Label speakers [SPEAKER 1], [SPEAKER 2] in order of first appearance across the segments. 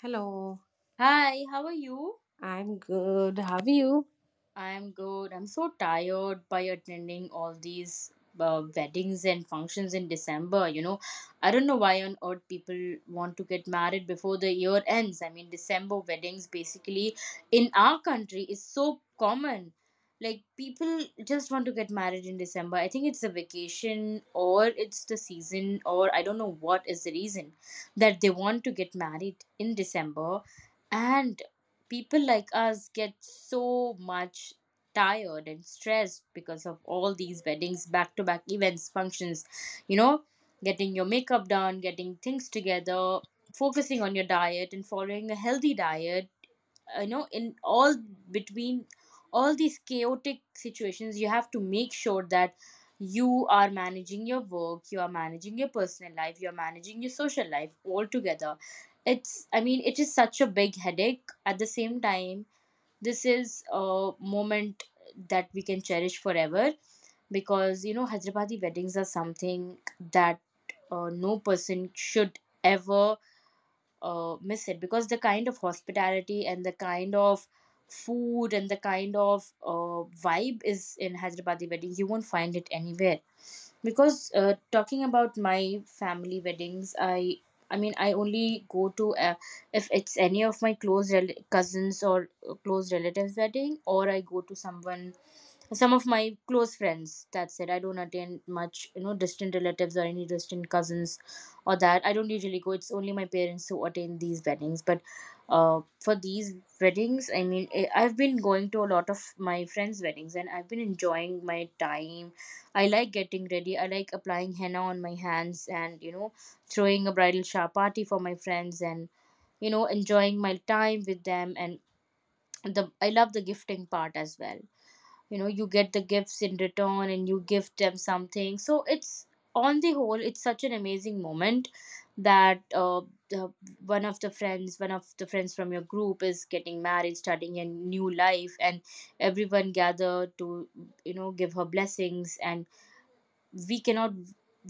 [SPEAKER 1] Hello,
[SPEAKER 2] Hi, how are you?
[SPEAKER 1] I'm good. How are you?
[SPEAKER 2] I'm good. I'm so tired by attending all these weddings and functions in December. You know, I don't know why on earth people want to get married before the year ends. I mean, December weddings basically in our country is so common. Like, people just want to get married in December. I think it's a vacation or it's the season or I don't know what is the reason that they want to get married in December. And people like us get so much tired and stressed because of all these weddings back to back events functions, you know, getting your makeup done, getting things together, focusing on your diet and following a healthy diet, you know, in all between all these chaotic situations you have to make sure that you are managing your work, you are managing your personal life, you are managing your social life all together. It's, I mean, it is such a big headache. At the same time, this is a moment that we can cherish forever, because you know Hyderabadi weddings are something that no person should ever miss it, because the kind of hospitality and the kind of food and the kind of vibe is in Hyderabadi wedding. You won't find it anywhere. Because talking about my family weddings, I mean I only go to, if it's any of my close cousins or close relatives wedding, or I go to someone, some of my close friends, that's it. I don't attend much, you know, distant relatives or any distant cousins or that, I don't usually go. It's only my parents who attend these weddings. But for these weddings, I mean, I've been going to a lot of my friends weddings and I've been enjoying my time. I like getting ready, I like applying henna on my hands, and throwing a bridal shower party for my friends, and enjoying my time with them. And the I love the gifting part as well. You know, you get the gifts in return and you give them something, so it's, on the whole, it's such an amazing moment that, the, one of the friends from your group is getting married, starting a new life, and everyone gathered to, you know, give her blessings. And we cannot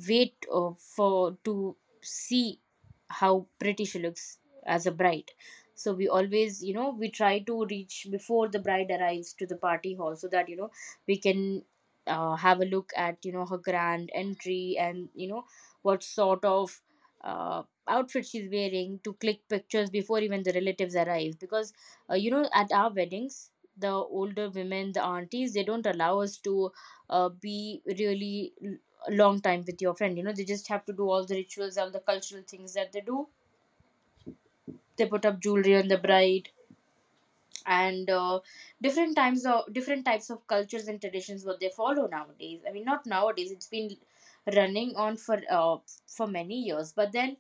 [SPEAKER 2] wait for to see how pretty she looks as a bride. So we always, you know, we try to reach before the bride arrives to the party hall, so that, you know, we can have a look at, you know, her grand entry and, you know, what sort of outfit she's wearing, to click pictures before even the relatives arrive. Because you know, at our weddings, the older women, the aunties, they don't allow us to be really long time with your friend. You know, they just have to do all the rituals, all the cultural things that they do. They put up jewelry on the bride, and different times of different types of cultures and traditions what they follow nowadays. I mean, not nowadays. It's been running on for many years, but then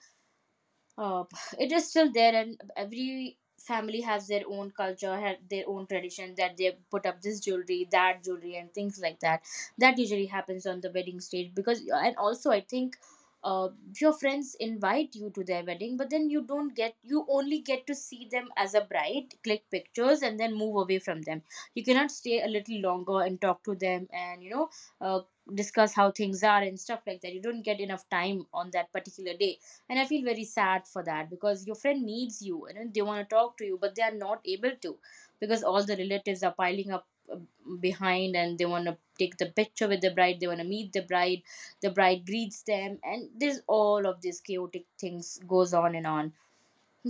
[SPEAKER 2] uh, it is still there, and every family has their own culture, had their own tradition, that they put up this jewelry, that jewelry, and things like that, that usually happens on the wedding stage. Because and also I think, uh, your friends invite you to their wedding, but then you don't get, you only get to see them as a bride, click pictures, and then move away from them. You cannot stay a little longer and talk to them and, you know, uh, discuss how things are and stuff like that. You don't get enough time on that particular day, and I feel very sad for that, because your friend needs you and then they want to talk to you, but they are not able to, because all the relatives are piling up behind, and they want to take the picture with the bride, they want to meet the bride, the bride greets them, and there's all of these chaotic things goes on and on.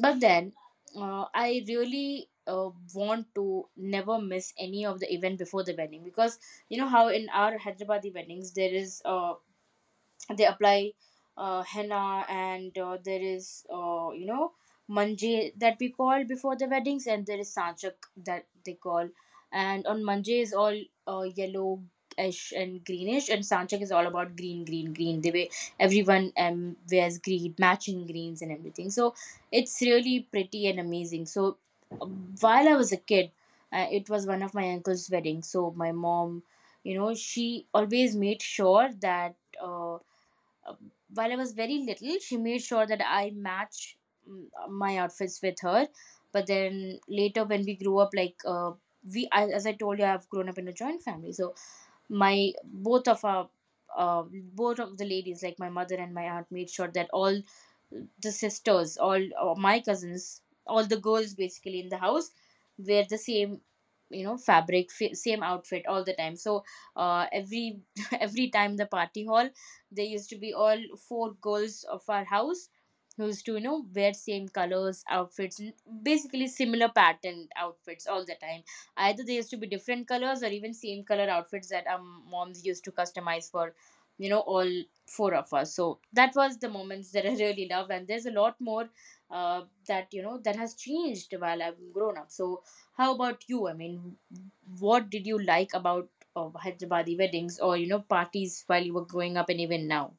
[SPEAKER 2] But then I really want to never miss any of the event before the wedding, because you know how in our Hyderabadi weddings there is a, they apply henna, and there is, you know, manje that we call before the weddings, and there is sanchak that they call. And on manje is all yellow and greenish, and sanchak is all about green, green, green. They way everyone wears green, matching greens and everything, so it's really pretty and amazing. So while I was a kid, it was one of my uncle's weddings, so my mom, you know, she always made sure that, while I was very little, she made sure that I match my outfits with her. But then later, when we grew up, like, I, as I told you, I've grown up in a joint family, so my both of our both of the ladies, like my mother and my aunt, made sure that all the sisters, all or my cousins, all the girls basically in the house, wear the same, you know, same outfit all the time. So every every time the party hall, there used to be all four girls of our house who used to, you know, wear same colors outfits, basically similar patterned outfits all the time. Either they used to be different colors or even same color outfits that our moms used to customize for, you know, all four of us. So that was the moments that I really loved. And there's a lot more that, you know, that has changed while I've grown up. So how about you? I mean, what did you like about Hyderabadi weddings, or, you know, parties while you were growing up and even now?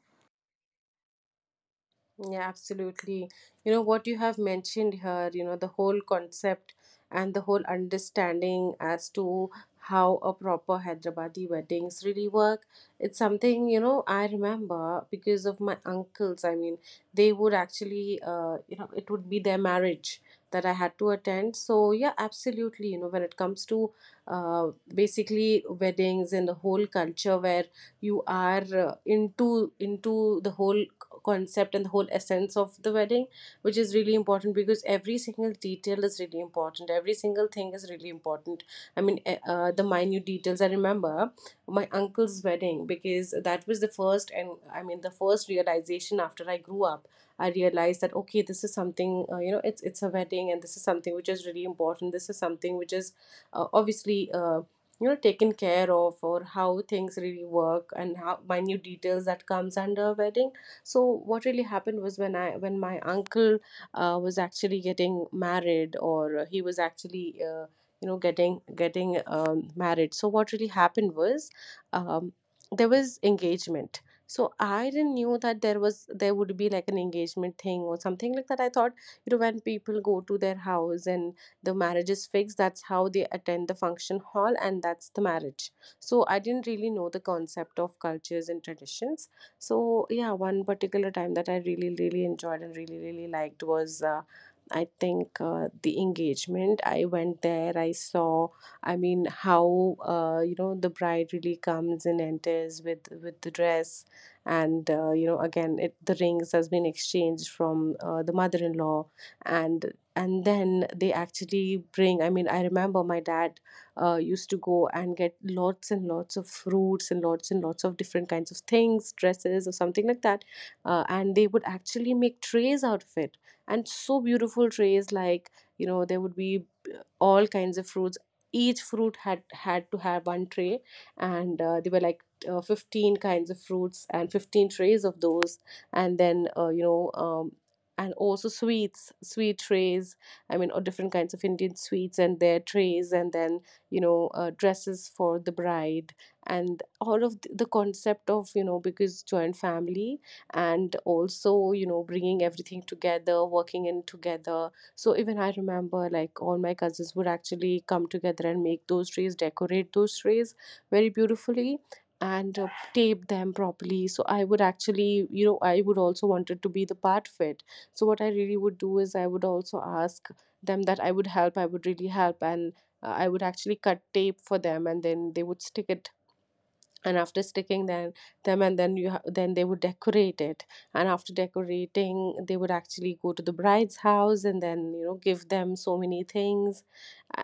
[SPEAKER 1] Yeah, absolutely. You know what you have mentioned here, you know, the whole concept and the whole understanding as to how a proper Hyderabadi weddings really work. It's something, you know, I remember because of my uncles. I mean, they would actually, you know, it would be their marriage that I had to attend. So, yeah, absolutely. You know, when it comes to basically weddings and the whole culture where you are into the whole concept and the whole essence of the wedding, which is really important because every single detail is really important, every single thing is really important. I mean, the minute details. I remember my uncle's wedding because that was the first, and I mean the first realization after I grew up. I realized that, okay, this is something, you know, it's a wedding and this is something which is really important, this is something which is obviously, you know, taken care of, or how things really work and how minute details that comes under a wedding. So what really happened was, when I when my uncle was actually getting married, or he was actually, you know, getting married. So what really happened was, um, there was engagement. So I didn't knew that there was there would be like an engagement thing or something like that. I thought, you know, when people go to their house and the marriage is fixed, that's how they attend the function hall, and that's the marriage. So I didn't really know the concept of cultures and traditions. So yeah, one particular time that I really really enjoyed and really really liked was, I think, the engagement. I went there, I saw. I mean, how, you know, the bride really comes and enters with the dress, and, you know, again, it the rings has been exchanged from, the mother-in-law, and then they actually bring. I mean, I remember my dad used to go and get lots and lots of fruits and lots of different kinds of things, dresses or something like that. And they would actually make trays out of it. And so beautiful trays, like, you know, there would be all kinds of fruits. Each fruit had to have one tray, and there were like 15 kinds of fruits and 15 trays of those. And then, you know, and also sweets, sweet trays, I mean, or different kinds of Indian sweets and their trays. And then, you know, dresses for the bride. And all of the concept of, you know, because joint family, and also, you know, bringing everything together, working in together. So even I remember like all my cousins would actually come together and make those trays, decorate those trays very beautifully. And tape them properly. So I would actually, you know, I would also wanted to be the part of it. So what I really would do is, I would also ask them that I would help, I would really help. And I would actually cut tape for them, and then they would stick it. And after sticking, then them and then you ha- then they would decorate it. And after decorating, they would actually go to the bride's house, and then, you know, give them so many things.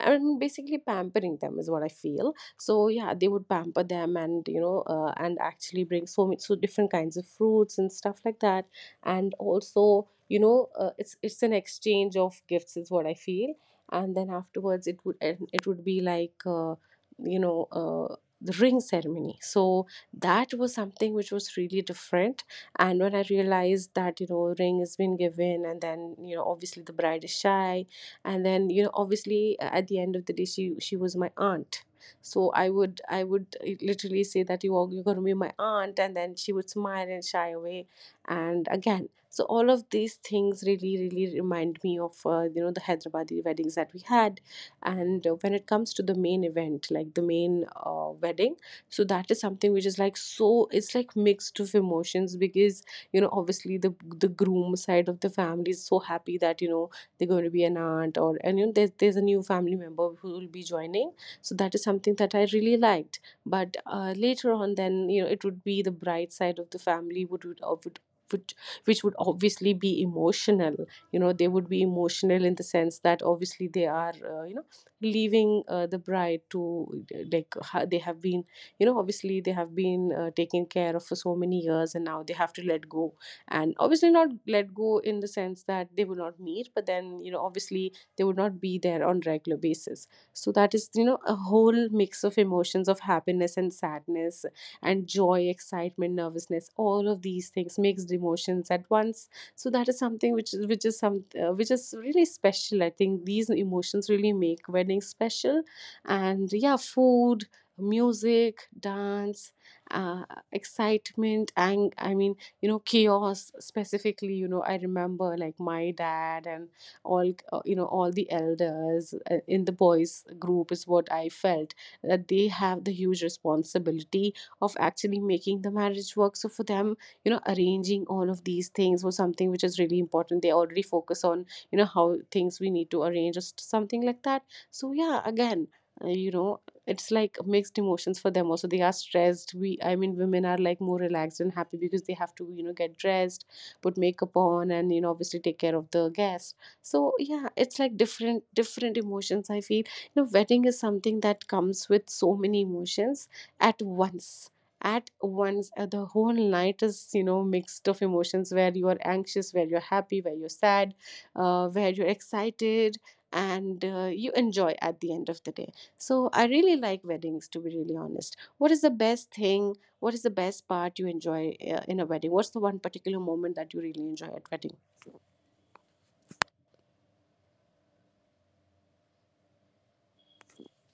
[SPEAKER 1] And basically pampering them is what I feel. So yeah, they would pamper them, and, you know, and actually bring so many so different kinds of fruits and stuff like that. And also, you know, it's an exchange of gifts is what I feel. And then afterwards it would and it would be like, you know, the ring ceremony. So that was something which was really different. And when I realized that, you know, ring has been given, and then, you know, obviously the bride is shy, and then, you know, obviously, at the end of the day, she was my aunt. So I would, literally say that you are, you're going to be my aunt, and then she would smile and shy away. And again, so all of these things really really remind me of, you know, the Hyderabadi weddings that we had. And when it comes to the main event, like the main, wedding, so that is something which is like, so it's like mixed of emotions, because, you know, obviously the groom side of the family is so happy that, you know, they're going to be an aunt, or and, you know, there's a new family member who will be joining. So that is something that I really liked. But later on, then, you know, it would be the bride side of the family would would, which would obviously be emotional. You know, they would be emotional in the sense that obviously they are, you know, leaving, the bride to, they have been, you know, obviously they have been, taken care of for so many years, and now they have to let go. And obviously not let go in the sense that they will not meet, but then, you know, obviously they would not be there on regular basis. So that is, you know, a whole mix of emotions of happiness and sadness, and joy, excitement, nervousness, all of these things, mixed emotions at once. So that is something which is, which is some which is really special. I think these emotions really make weddings special. And yeah, food, music, dance, uh, excitement, and I mean, you know, chaos specifically. You know, I remember like my dad and all, you know, all the elders, in the boys group is what I felt, that they have the huge responsibility of actually making the marriage work. So for them, you know, arranging all of these things was something which is really important. They already focus on, you know, how things we need to arrange, or something like that. So yeah, again, you know, it's like mixed emotions for them also. They are stressed. We I mean, women are like more relaxed and happy because they have to, you know, get dressed, put makeup on, and, you know, obviously take care of the guests. So yeah, it's like different different emotions I feel. You know, wedding is something that comes with so many emotions at once. At once, the whole night is, you know, mixed of emotions, where you are anxious, where you're happy, where you're sad, where you're excited, and you enjoy at the end of the day. So I really like weddings, to be really honest. What is the best thing, what is the best part you enjoy, in a wedding? What's the one particular moment that you really enjoy at wedding?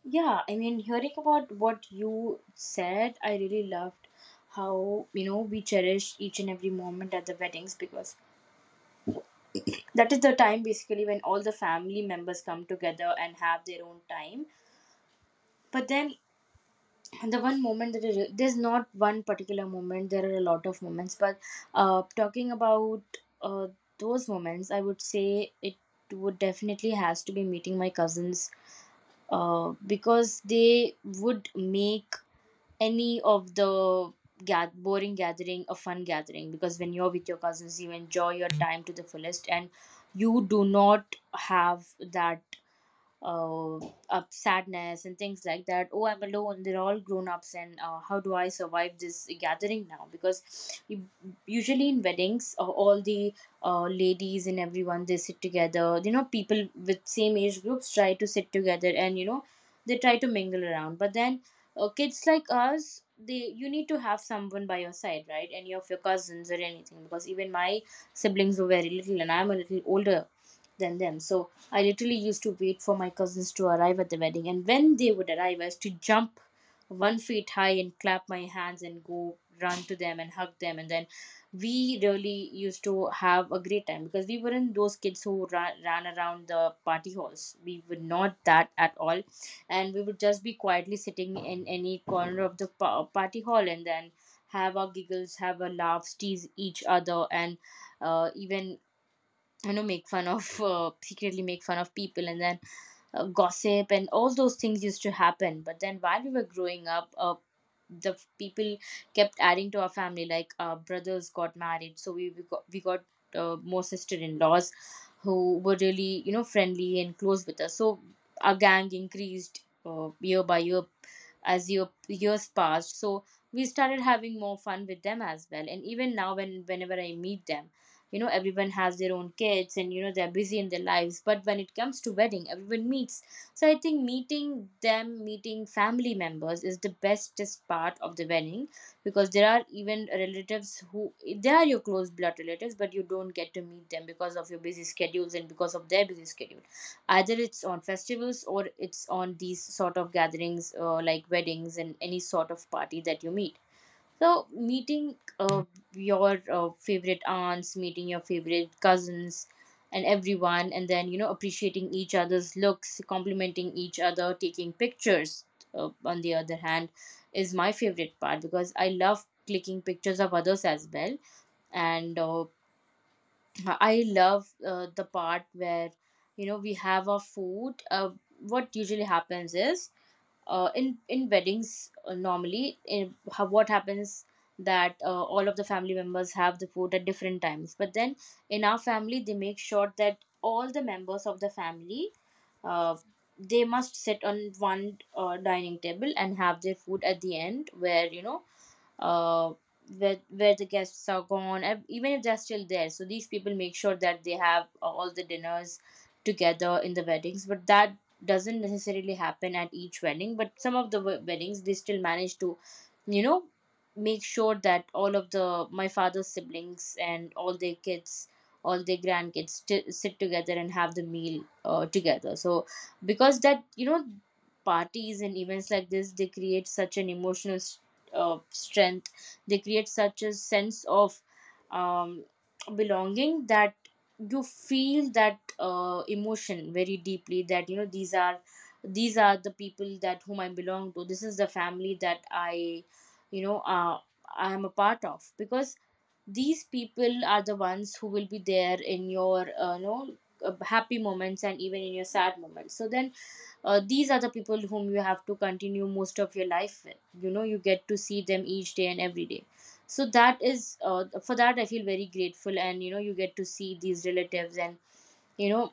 [SPEAKER 2] Yeah, I mean, hearing about what you said, I really loved how, you know, we cherish each and every moment at the weddings, because that is the time basically when all the family members come together and have their own time. But then the one moment that is, there's not one particular moment, there are a lot of moments, but talking about uh, those moments, I would say it would definitely has to be meeting my cousins, because they would make any of the boring gathering a fun gathering, because when you're with your cousins you enjoy your time to the fullest, and you do not have that uh, up sadness and things like that, oh I'm alone, they're all grown ups, and how do I survive this gathering now. Because usually in weddings, all the ladies and everyone, they sit together, you know, people with same age groups try to sit together, and, you know, they try to mingle around. But then kids like us, they, you need to have someone by your side, right, any of your cousins or anything, because even my siblings were very little, and I'm a little older than them. So I literally used to wait for my cousins to arrive at the wedding, and when they would arrive, I used to jump 1 feet high and clap my hands and go run to them and hug them. And then we really used to have a great time, because we weren't those kids who ran around the party halls. We were not that at all. And we would just be quietly sitting in any corner of the party hall and then have our giggles, have our laughs, tease each other, and even make fun of, secretly make fun of people, and then gossip, and all those things used to happen. But then while we were growing up, people kept adding to our family. Like our brothers got married, so we got more sister-in-laws who were really, you know, friendly and close with us, so our gang increased year by year, as years passed. So we started having more fun with them as well, and even now when whenever I meet them, you know, everyone has their own kids and, you know, they're busy in their lives, but when it comes to wedding, everyone meets. So I think meeting them, meeting family members, is the bestest part of the wedding, because there are even relatives who, they are your close blood relatives, but you don't get to meet them because of your busy schedules and because of their busy schedule. Either it's on festivals or it's on these sort of gatherings, like weddings and any sort of party, that you meet. So, meeting, your favorite aunts, meeting your favorite cousins, and everyone, and then, you know, appreciating each other's looks, complimenting each other, taking pictures. On the other hand, is my favorite part, because I love clicking pictures of others as well, and I love the part where, you know, we have our food. What usually happens is, in weddings, normally, what happens, that all of the family members have the food at different times, but then in our family they make sure that all the members of the family, uh, they must sit on one dining table and have their food at the end, where, you know, uh, where the guests are gone, and even if they're still there. So these people make sure that they have, all the dinners together in the weddings, but that doesn't necessarily happen at each wedding. But some of the weddings, they still manage to, you know, make sure that all of the, my father's siblings, and all their kids, all their grandkids sit together and have the meal together. So because that, you know, parties and events like this, they create such an emotional strength. They create such a sense of um, belonging, that you feel that emotion very deeply. That, you know, these are, these are the people that whom I belong to. This is the family that I, you know, uh, I am a part of, because these people are the ones who will be there in your happy moments, and even in your sad moments. So then, these are the people whom you have to continue most of your life with. You know, you get to see them each day and every day. So that is, for that I feel very grateful. And, you know, you get to see these relatives, and, you know,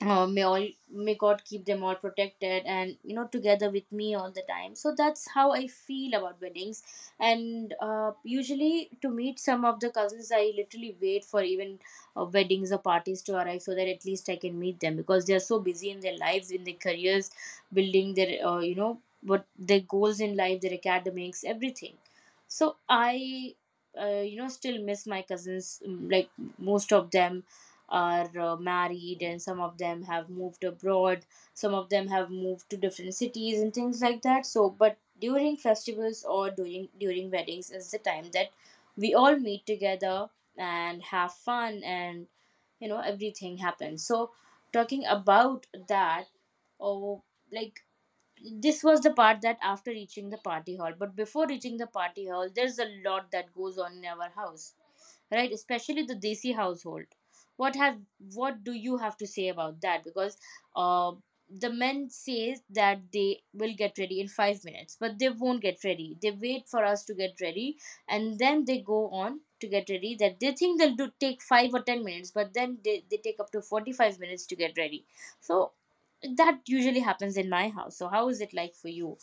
[SPEAKER 2] may God keep them all protected, and, you know, together with me all the time. So that's how I feel about weddings. And usually to meet some of the cousins, I literally wait for even weddings or parties to arrive, so that at least I can meet them, because they are so busy in their lives, in their careers, building their, you know what their goals in life, their academics, everything. So I, you know, still miss my cousins. Like, most of them are married, and some of them have moved abroad, some of them have moved to different cities, and things like that. So but during festivals or during weddings is the time that we all meet together and have fun, and, you know, everything happens. So, talking about that, or like this was the part that after reaching the party hall. But before reaching the party hall, there's a lot that goes on in our house, right? Especially the desi household. what have what do you have to say about that? Because, uh, the men says that they will get ready in 5 minutes, but they won't get ready, they wait for us to get ready, and then they go on to get ready. That They think they'll do take 5 or 10 minutes, but then they take up to 45 minutes to get ready. So that usually happens in my house. So how is it like for you?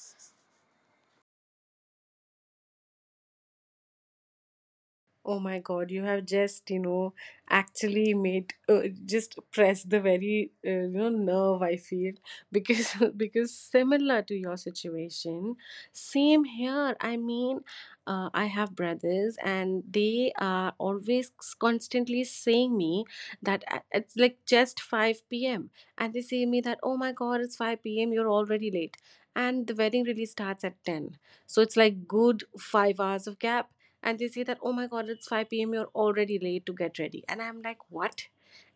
[SPEAKER 1] Oh my God, you have just, you know, actually made, just press the very, you know, nerve I feel, because because similar to your situation, same here. I mean, I have brothers and they are always constantly saying me that, it's like just 5 p.m., and they say me that, oh my God, it's 5 p.m. You're already late. And the wedding really starts at 10. So it's like good 5 hours of gap, and they say that, oh my God, it's 5 p.m., you're already late to get ready, and I'm like, what?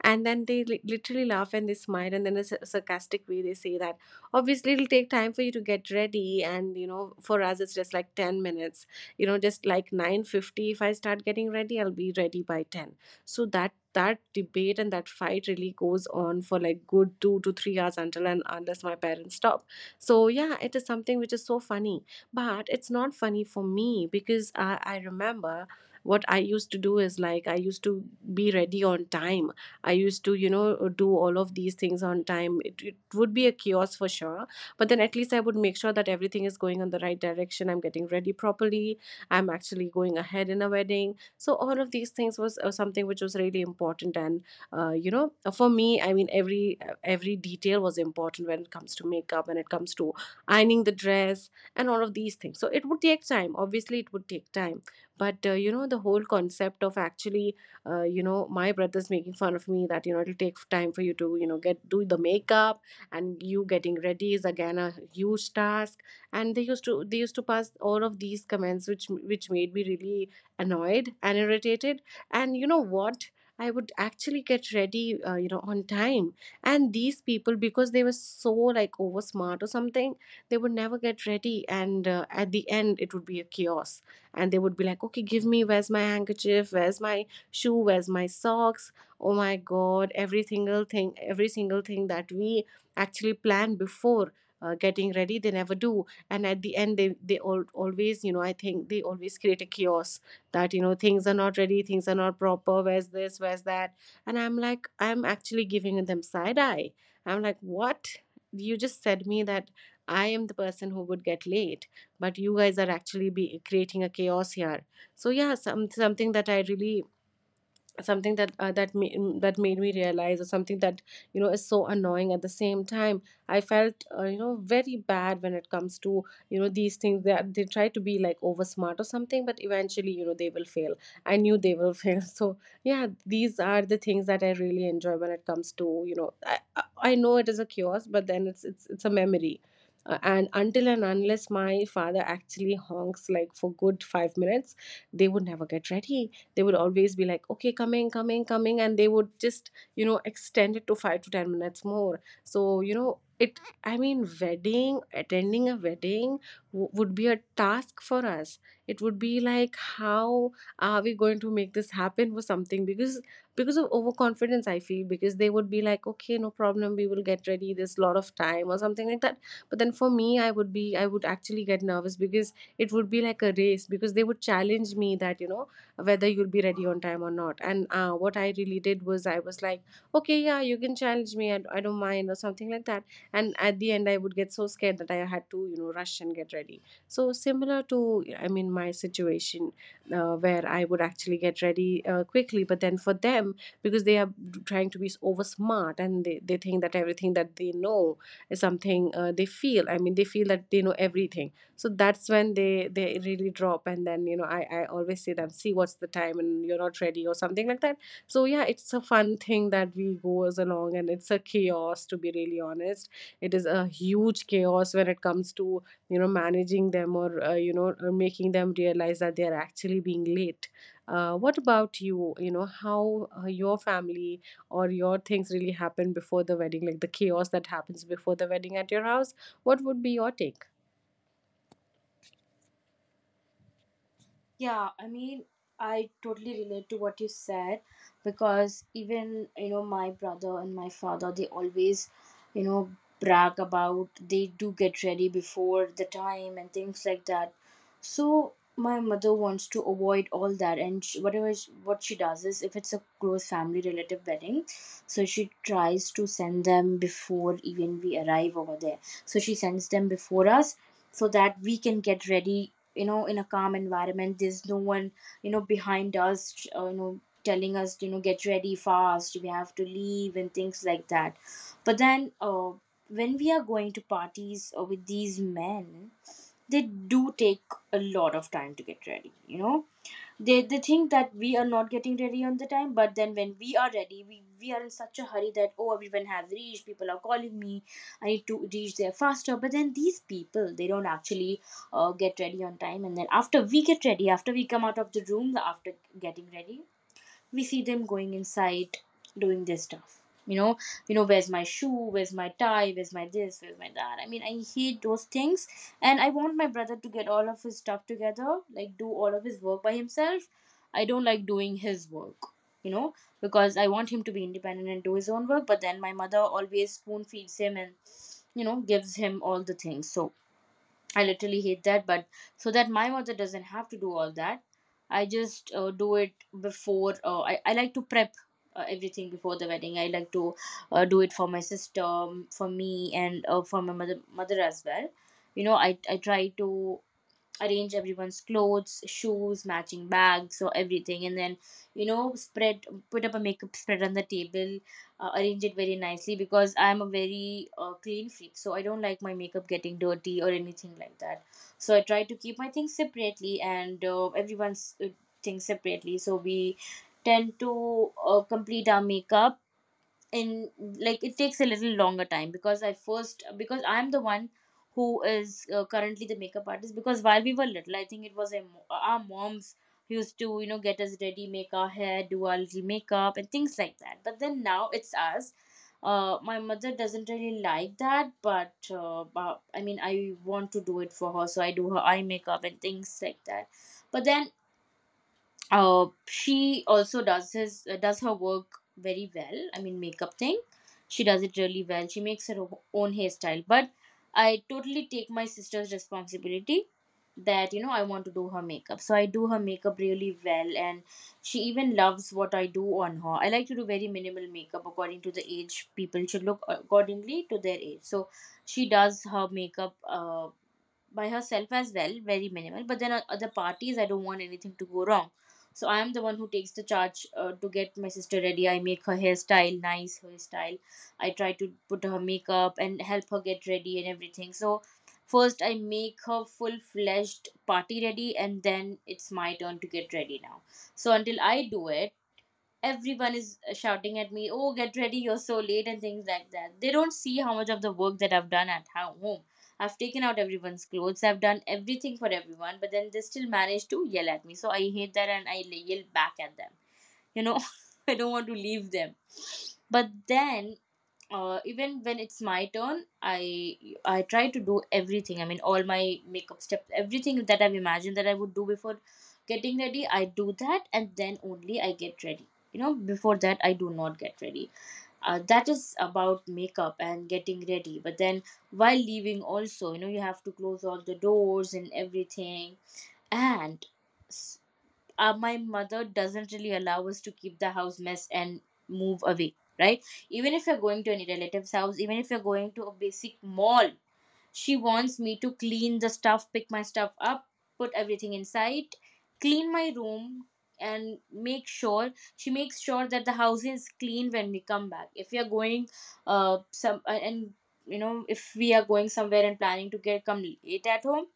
[SPEAKER 1] And then they literally laugh and they smile, and then a sarcastic way they say that obviously it'll take time for you to get ready, and you know, for us it's just like 10 minutes. You know, just like 9:50, if I start getting ready, I'll be ready by 10. So that, debate and that fight really goes on for like good 2 to 3 hours, until and unless my parents stop. So yeah, it is something which is so funny, but it's not funny for me because I remember what I used to do is, like, I used to be ready on time. I used to, you know, do all of these things on time. It would be a chaos for sure. But then at least I would make sure that everything is going in the right direction. I'm getting ready properly. I'm actually going ahead in a wedding. So all of these things was, something which was really important. And, you know, for me, I mean, every detail was important when it comes to makeup, when it comes to ironing the dress and all of these things. So it would take time. Obviously, it would take time. But, you know, the whole concept of actually you know, my brother's making fun of me that, you know, it'll take time for you to, you know, get do the makeup and you getting ready is again a huge task. And they used to pass all of these comments which made me really annoyed and irritated. And you know what, I would actually get ready, you know, on time. And these people, because they were so like over smart or something, they would never get ready. And at the end, it would be a chaos. And they would be like, okay, give me, where's my handkerchief? Where's my shoe, where's my socks? Oh my god, every single thing, every single thing that we actually plan before getting ready, they never do. And at the end, they always, you know, I think they always create a chaos, that, you know, things are not ready, things are not proper, where's this, where's that. And I'm like, I'm actually giving them side eye. I'm like, what, you just said me that I am the person who would get late, but you guys are actually be creating a chaos here. So yeah, something that I really, something that that made me realize, or something that, you know, is so annoying. At the same time, I felt, you know, very bad when it comes to, you know, these things that they try to be like over smart or something, but eventually, you know, they will fail. I knew they will fail. So yeah, these are the things that I really enjoy when it comes to, you know, I know it is a kiosk, but then it's a memory. And until and unless my father actually honks like for good 5 minutes, they would never get ready. They would always be like, okay, coming, coming, coming, and they would just, you know, extend it to 5 to 10 minutes more. So you know it, I mean, wedding, attending a wedding would be a task for us. It would be like, how are we going to make this happen? For something, because of overconfidence, I feel, because they would be like, okay, no problem, we will get ready, there's a lot of time or something like that. But then for me, I would actually get nervous, because it would be like a race, because they would challenge me that, you know, whether you'll be ready on time or not. And what I really did was, I was like, okay, yeah, you can challenge me, I don't mind or something like that. And at the end, I would get so scared that I had to, you know, rush and get ready. So similar to, I mean, my situation, where I would actually get ready quickly. But then for them, because they are trying to be over smart, and they think that everything that they know is something, they feel, I mean, they feel that they know everything. So that's when they really drop. And then, you know, I always say them, see what's the time and you're not ready or something like that. So yeah, it's a fun thing that we goes along, and it's a chaos, to be really honest. It is a huge chaos when it comes to, you know, managing them, or you know, or making them realize that they are actually being late. What about you, you know, how your family or your things really happen before the wedding, like the chaos that happens before the wedding at your house? What would be your take?
[SPEAKER 2] Yeah, I mean, I totally relate to what you said, because even, you know, my brother and my father, they always, you know, brag about they do get ready before the time and things like that. So my mother wants to avoid all that, and what she does is, if it's a close family relative wedding, so she tries to send them before even we arrive over there. So she sends them before us, so that we can get ready, you know, in a calm environment. There's no one, you know, behind us, you know, telling us, you know, get ready fast, we have to leave, and things like that. But then, when we are going to parties with these men, they do take a lot of time to get ready, you know. They think that we are not getting ready on the time, but then when we are ready, we are in such a hurry that, oh, everyone has reached, people are calling me, I need to reach there faster. But then these people, they don't actually get ready on time. And then after we get ready, after we come out of the room, after getting ready, we see them going inside doing their stuff, you know. You know, where's my shoe, where's my tie, where's my this, where's my that. I mean, I hate those things. And I want my brother to get all of his stuff together, like do all of his work by himself. I don't like doing his work, you know, because I want him to be independent and do his own work. But then my mother always spoon feeds him, and, you know, gives him all the things. So I literally hate that. But so that my mother doesn't have to do all that, I just do it before. I like to prep everything before the wedding. I like to do it for my sister, for me, and for my mother as well. You know, I try to arrange everyone's clothes, shoes, matching bags, or everything, and then, you know, spread put up a makeup spread on the table, arrange it very nicely, because I'm a very clean freak, so I don't like my makeup getting dirty or anything like that. So I try to keep my things separately, and everyone's things separately. So we tend to complete our makeup in, like, it takes a little longer time, because I first, because I'm the one who is currently the makeup artist. Because while we were little, I think it was a, our moms used to, you know, get us ready, make our hair, do our little makeup and things like that, but then now it's us. My mother doesn't really like that, but I mean, I want to do it for her, so I do her eye makeup and things like that. But then, she also does his does her work very well, I mean, makeup thing, she does it really well. She makes her own hairstyle. But I totally take my sister's responsibility, that, you know, I want to do her makeup, so I do her makeup really well, and she even loves what I do on her. I like to do very minimal makeup according to the age. People should look accordingly to their age. So she does her makeup by herself as well, very minimal. But then at other parties, I don't want anything to go wrong. So I am the one who takes the charge to get my sister ready. I make her hairstyle, nice hairstyle. I try to put her makeup and help her get ready and everything. So first I make her full fledged party ready, and then it's my turn to get ready now. So until I do it, everyone is shouting at me, oh get ready, you're so late and things like that. They don't see how much of the work that I've done at home. I've taken out everyone's clothes, I've done everything for everyone, but then they still manage to yell at me. So I hate that, and I yell back at them, you know. I don't want to leave them, but then even when it's my turn, I try to do everything. I mean, all my makeup steps, everything that I've imagined that I would do before getting ready, I do that, and then only I get ready, you know. Before that, I do not get ready. That is about makeup and getting ready. But then while leaving also, you know, you have to close all the doors and everything. And, s- my mother doesn't really allow us to keep the house mess and move away, right? Even if you're going to any relative's house, even if you're going to a basic mall, she wants me to clean the stuff, pick my stuff up, put everything inside, clean my room, and make sure, she makes sure that the house is clean when we come back. If we are going some and, you know, if we are going somewhere and planning to get come late at home,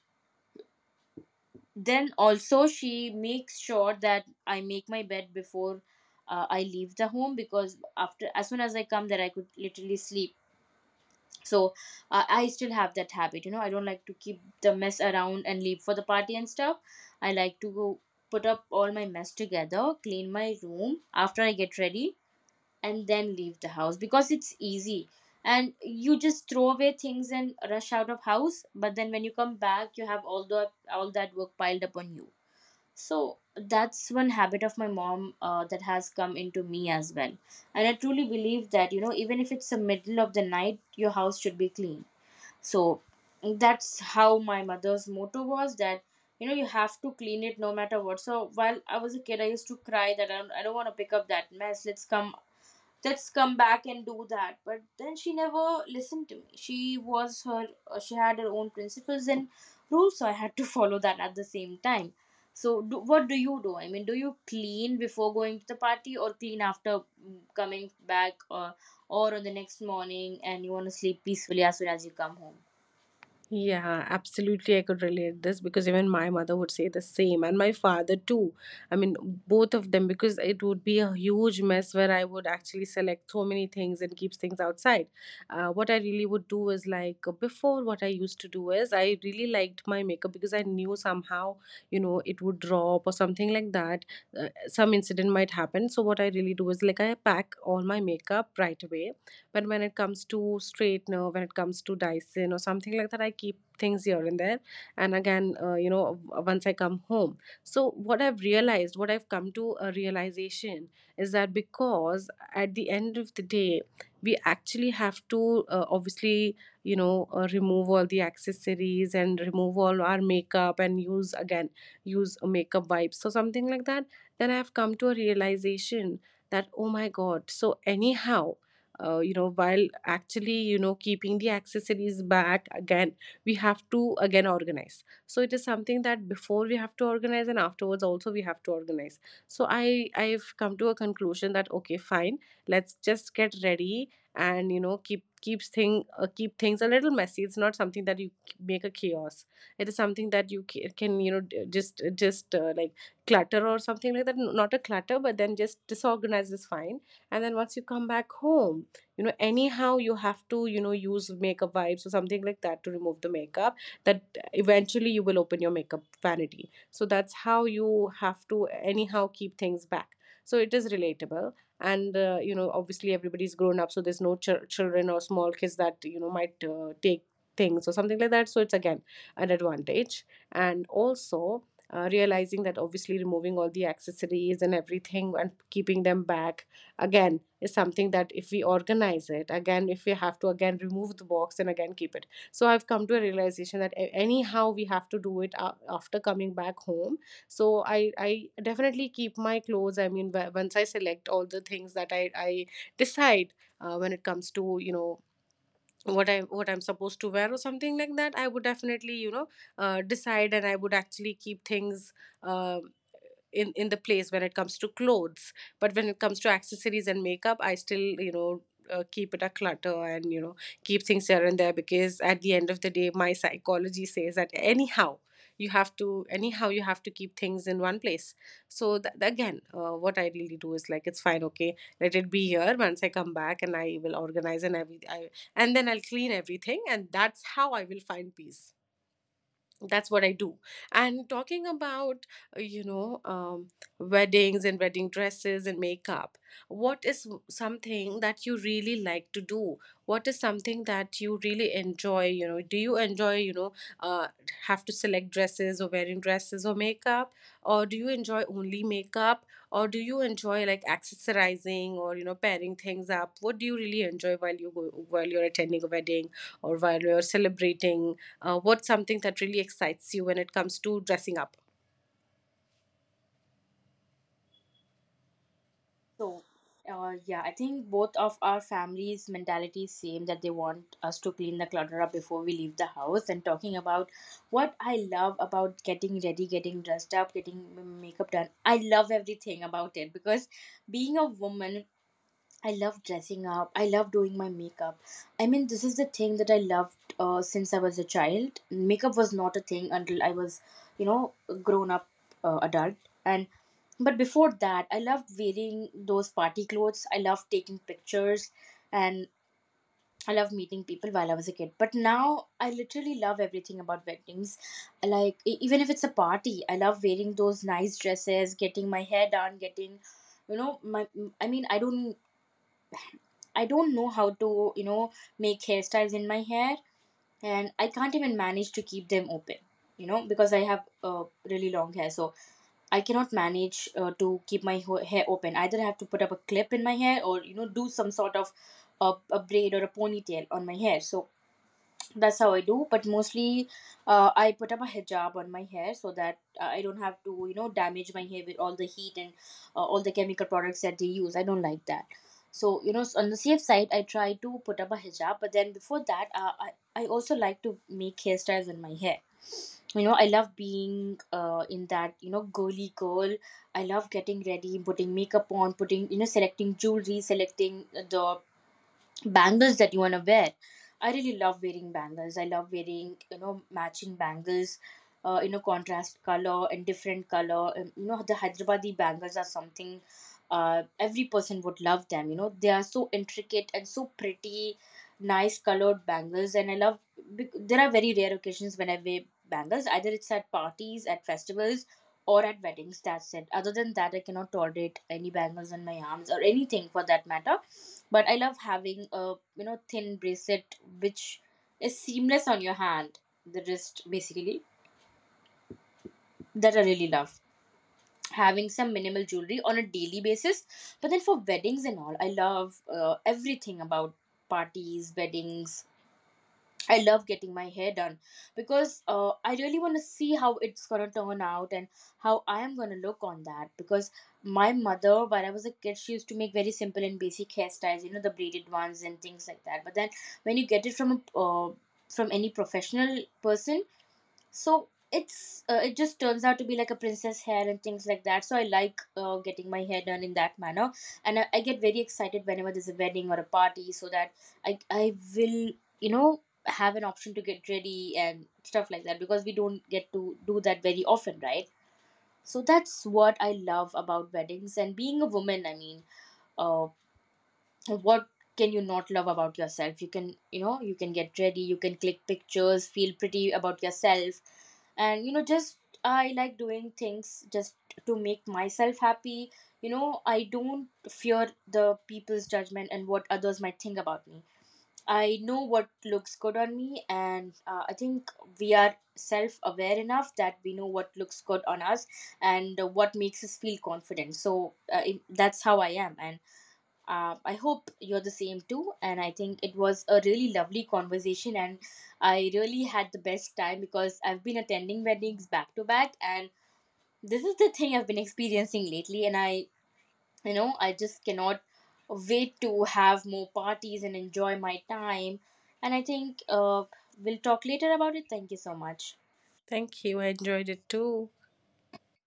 [SPEAKER 2] then also she makes sure that I make my bed before I leave the home. Because after as Soon as I come there I could literally sleep. So I still have that habit. You know, I don't like to keep the mess around and leave for the party and stuff. I like to go put up all my mess together, clean my room after I get ready, and then leave the house because it's easy. And you just throw away things and rush out of house, but then when you come back, you have all that work piled upon you. So that's one habit of my mom that has come into me as well. And I truly believe that, you know, even if it's the middle of the night, your house should be clean. So that's how my mother's motto was that, you know, you have to clean it no matter what. So while I was a kid, I used to cry that I don't want to pick up that mess. Let's come back and do that, but then she never listened to me. She had her own principles and rules, so I had to follow that at the same time. So what do you do? I mean, do you clean before going to the party or clean after, coming back, or on the next morning, and you want to sleep peacefully as soon as you come home?
[SPEAKER 1] Yeah, absolutely. I could relate this, because even my mother would say the same, and my father too. I mean, both of them, because it would be a huge mess where I would actually select so many things and keep things outside. What I really would do is like, before, what I used to do is, I really liked my makeup, because I knew somehow, you know, it would drop or something like that. Some incident might happen. So what I really do is like, I pack all my makeup right away. But when it comes to straightener, when it comes to Dyson or something like that, I keep things here and there. And again, you know, once I come home. So what I've realized, what I've come to a realization is that, because at the end of the day, we actually have to, obviously, you know, remove all the accessories and remove all our makeup, and use again, use a makeup wipes or something like that. Then I've come to a realization that, oh my god, so anyhow, you know, while actually, you know, keeping the accessories back again, we have to again organize. So it is something that before we have to organize and afterwards also we have to organize. So I've come to a conclusion that, okay, fine, let's just get ready, and you know, keep things a little messy. It's not something that you make a chaos. It is something that you can, you know, d- just like, clutter or something like that. Not a clutter, but then just disorganize is fine. And then once you come back home, you know, anyhow you have to, you know, use makeup wipes or something like that to remove the makeup, that eventually you will open your makeup vanity. So that's how you have to anyhow keep things back. So it is relatable. And you know, obviously everybody's grown up, so there's no children or small kids that, you know, might take things or something like that. So it's again an advantage. And also, realizing that, obviously, removing all the accessories and everything and keeping them back again is something that, if we organize it again, if we have to again remove the box and again keep it. So I've come to a realization that anyhow we have to do it after coming back home. So I definitely keep my clothes. I mean, once I select all the things that I decide, when it comes to, you know, what I, what I'm supposed to wear or something like that, I would definitely, you know, decide. And I would actually keep things uh, in the place when it comes to clothes. But when it comes to accessories and makeup, I still, you know, keep it a clutter, and you know, keep things here and there, because at the end of the day, my psychology says that anyhow, you have to, anyhow you have to keep things in one place. So th- again what I really do is like, it's fine, okay, let it be here, once I come back, and I will organize, and then I'll clean everything, and that's how I will find peace. That's what I do. And talking about, you know, weddings and wedding dresses and makeup, what is something that you really like to do? What is something that you really enjoy? You know, do you enjoy, you know, uh, have to select dresses, or wearing dresses, or makeup? Or do you enjoy only makeup? Or do you enjoy like accessorizing, or you know, pairing things up? What do you really enjoy while you go, while you're attending a wedding, or while you're celebrating? What's something that really excites you when it comes to dressing up?
[SPEAKER 2] So, yeah, I think both of our families' mentality is same, that they want us to clean the clutter up before we leave the house. And talking about what I love about getting ready, getting dressed up, getting makeup done, I love everything about it because, being a woman, I love dressing up. I love doing my makeup. I mean, this is the thing that I loved since I was a child. Makeup was not a thing until I was, you know, a grown up adult. And but before that I loved wearing those party clothes. I loved taking pictures, and I loved meeting people while I was a kid. But now I literally love everything about weddings. Like, even if it's a party, I love wearing those nice dresses, getting my hair done, getting, you know, my, I mean, I don't know how to, you know, make hairstyles in my hair, and I can't even manage to keep them open, you know, because I have uh, really long hair. So I cannot manage to keep my hair open. Either I have to put up a clip in my hair, or you know, do some sort of a braid or a ponytail on my hair. So that's how I do, but mostly I put up a hijab on my hair, so that I don't have to, you know, damage my hair with all the heat and all the chemical products that they use. I don't like that. So, you know, on the safe side, I try to put up a hijab, but then before that, I also like to make hairstyles in my hair. You know, I love being in that, you know, girly girl. I love getting ready, putting makeup on, putting, you know, selecting jewelry, selecting the bangles that you want to wear. I really love wearing bangles. I love wearing, you know, matching bangles, you know, contrast color and different color, and, you know, the hyderabadi bangles are something every person would love them. You know, they are so intricate and so pretty, nice colored bangles. And I love, there are very rare occasions when I wear bangles. Either it's at parties, at festivals, or at weddings. That's it. Other than that, I cannot tolerate any bangles on my arms or anything for that matter. But I love having a, you know, thin bracelet which is seamless on your hand, the wrist basically. That I really love. Having some minimal jewelry on a daily basis, but then for weddings and all, I love everything about parties, weddings. I love getting my hair done, because I really want to see how it's gonna turn out and how I am gonna look on that. Because my mother, when I was a kid, she used to make very simple and basic hairstyles, you know, the braided ones and things like that. But then when you get it from a from any professional person, so it's it just turns out to be like a princess hair and things like that. So I like getting my hair done in that manner, and I get very excited whenever there's a wedding or a party, so that I will, you know, have an option to get ready and stuff like that, because we don't get to do that very often, right? So that's what I love about weddings and being a woman. I mean, uh, what can you not love about yourself? You can, you know, you can get ready, you can click pictures, feel pretty about yourself, and you know, just I like doing things just to make myself happy. You know, I don't fear the people's judgment and what others might think about me. I know what looks good on me, and I think we are self-aware enough that we know what looks good on us, and what makes us feel confident. So that's how I am. And I hope you're the same too. And I think it was a really lovely conversation. And I really had the best time, because I've been attending weddings back to back. And this is the thing I've been experiencing lately. And you know, I just cannot wait to have more parties and enjoy my time. And I think we'll talk later about it. Thank you so much.
[SPEAKER 1] Thank you. I enjoyed it too.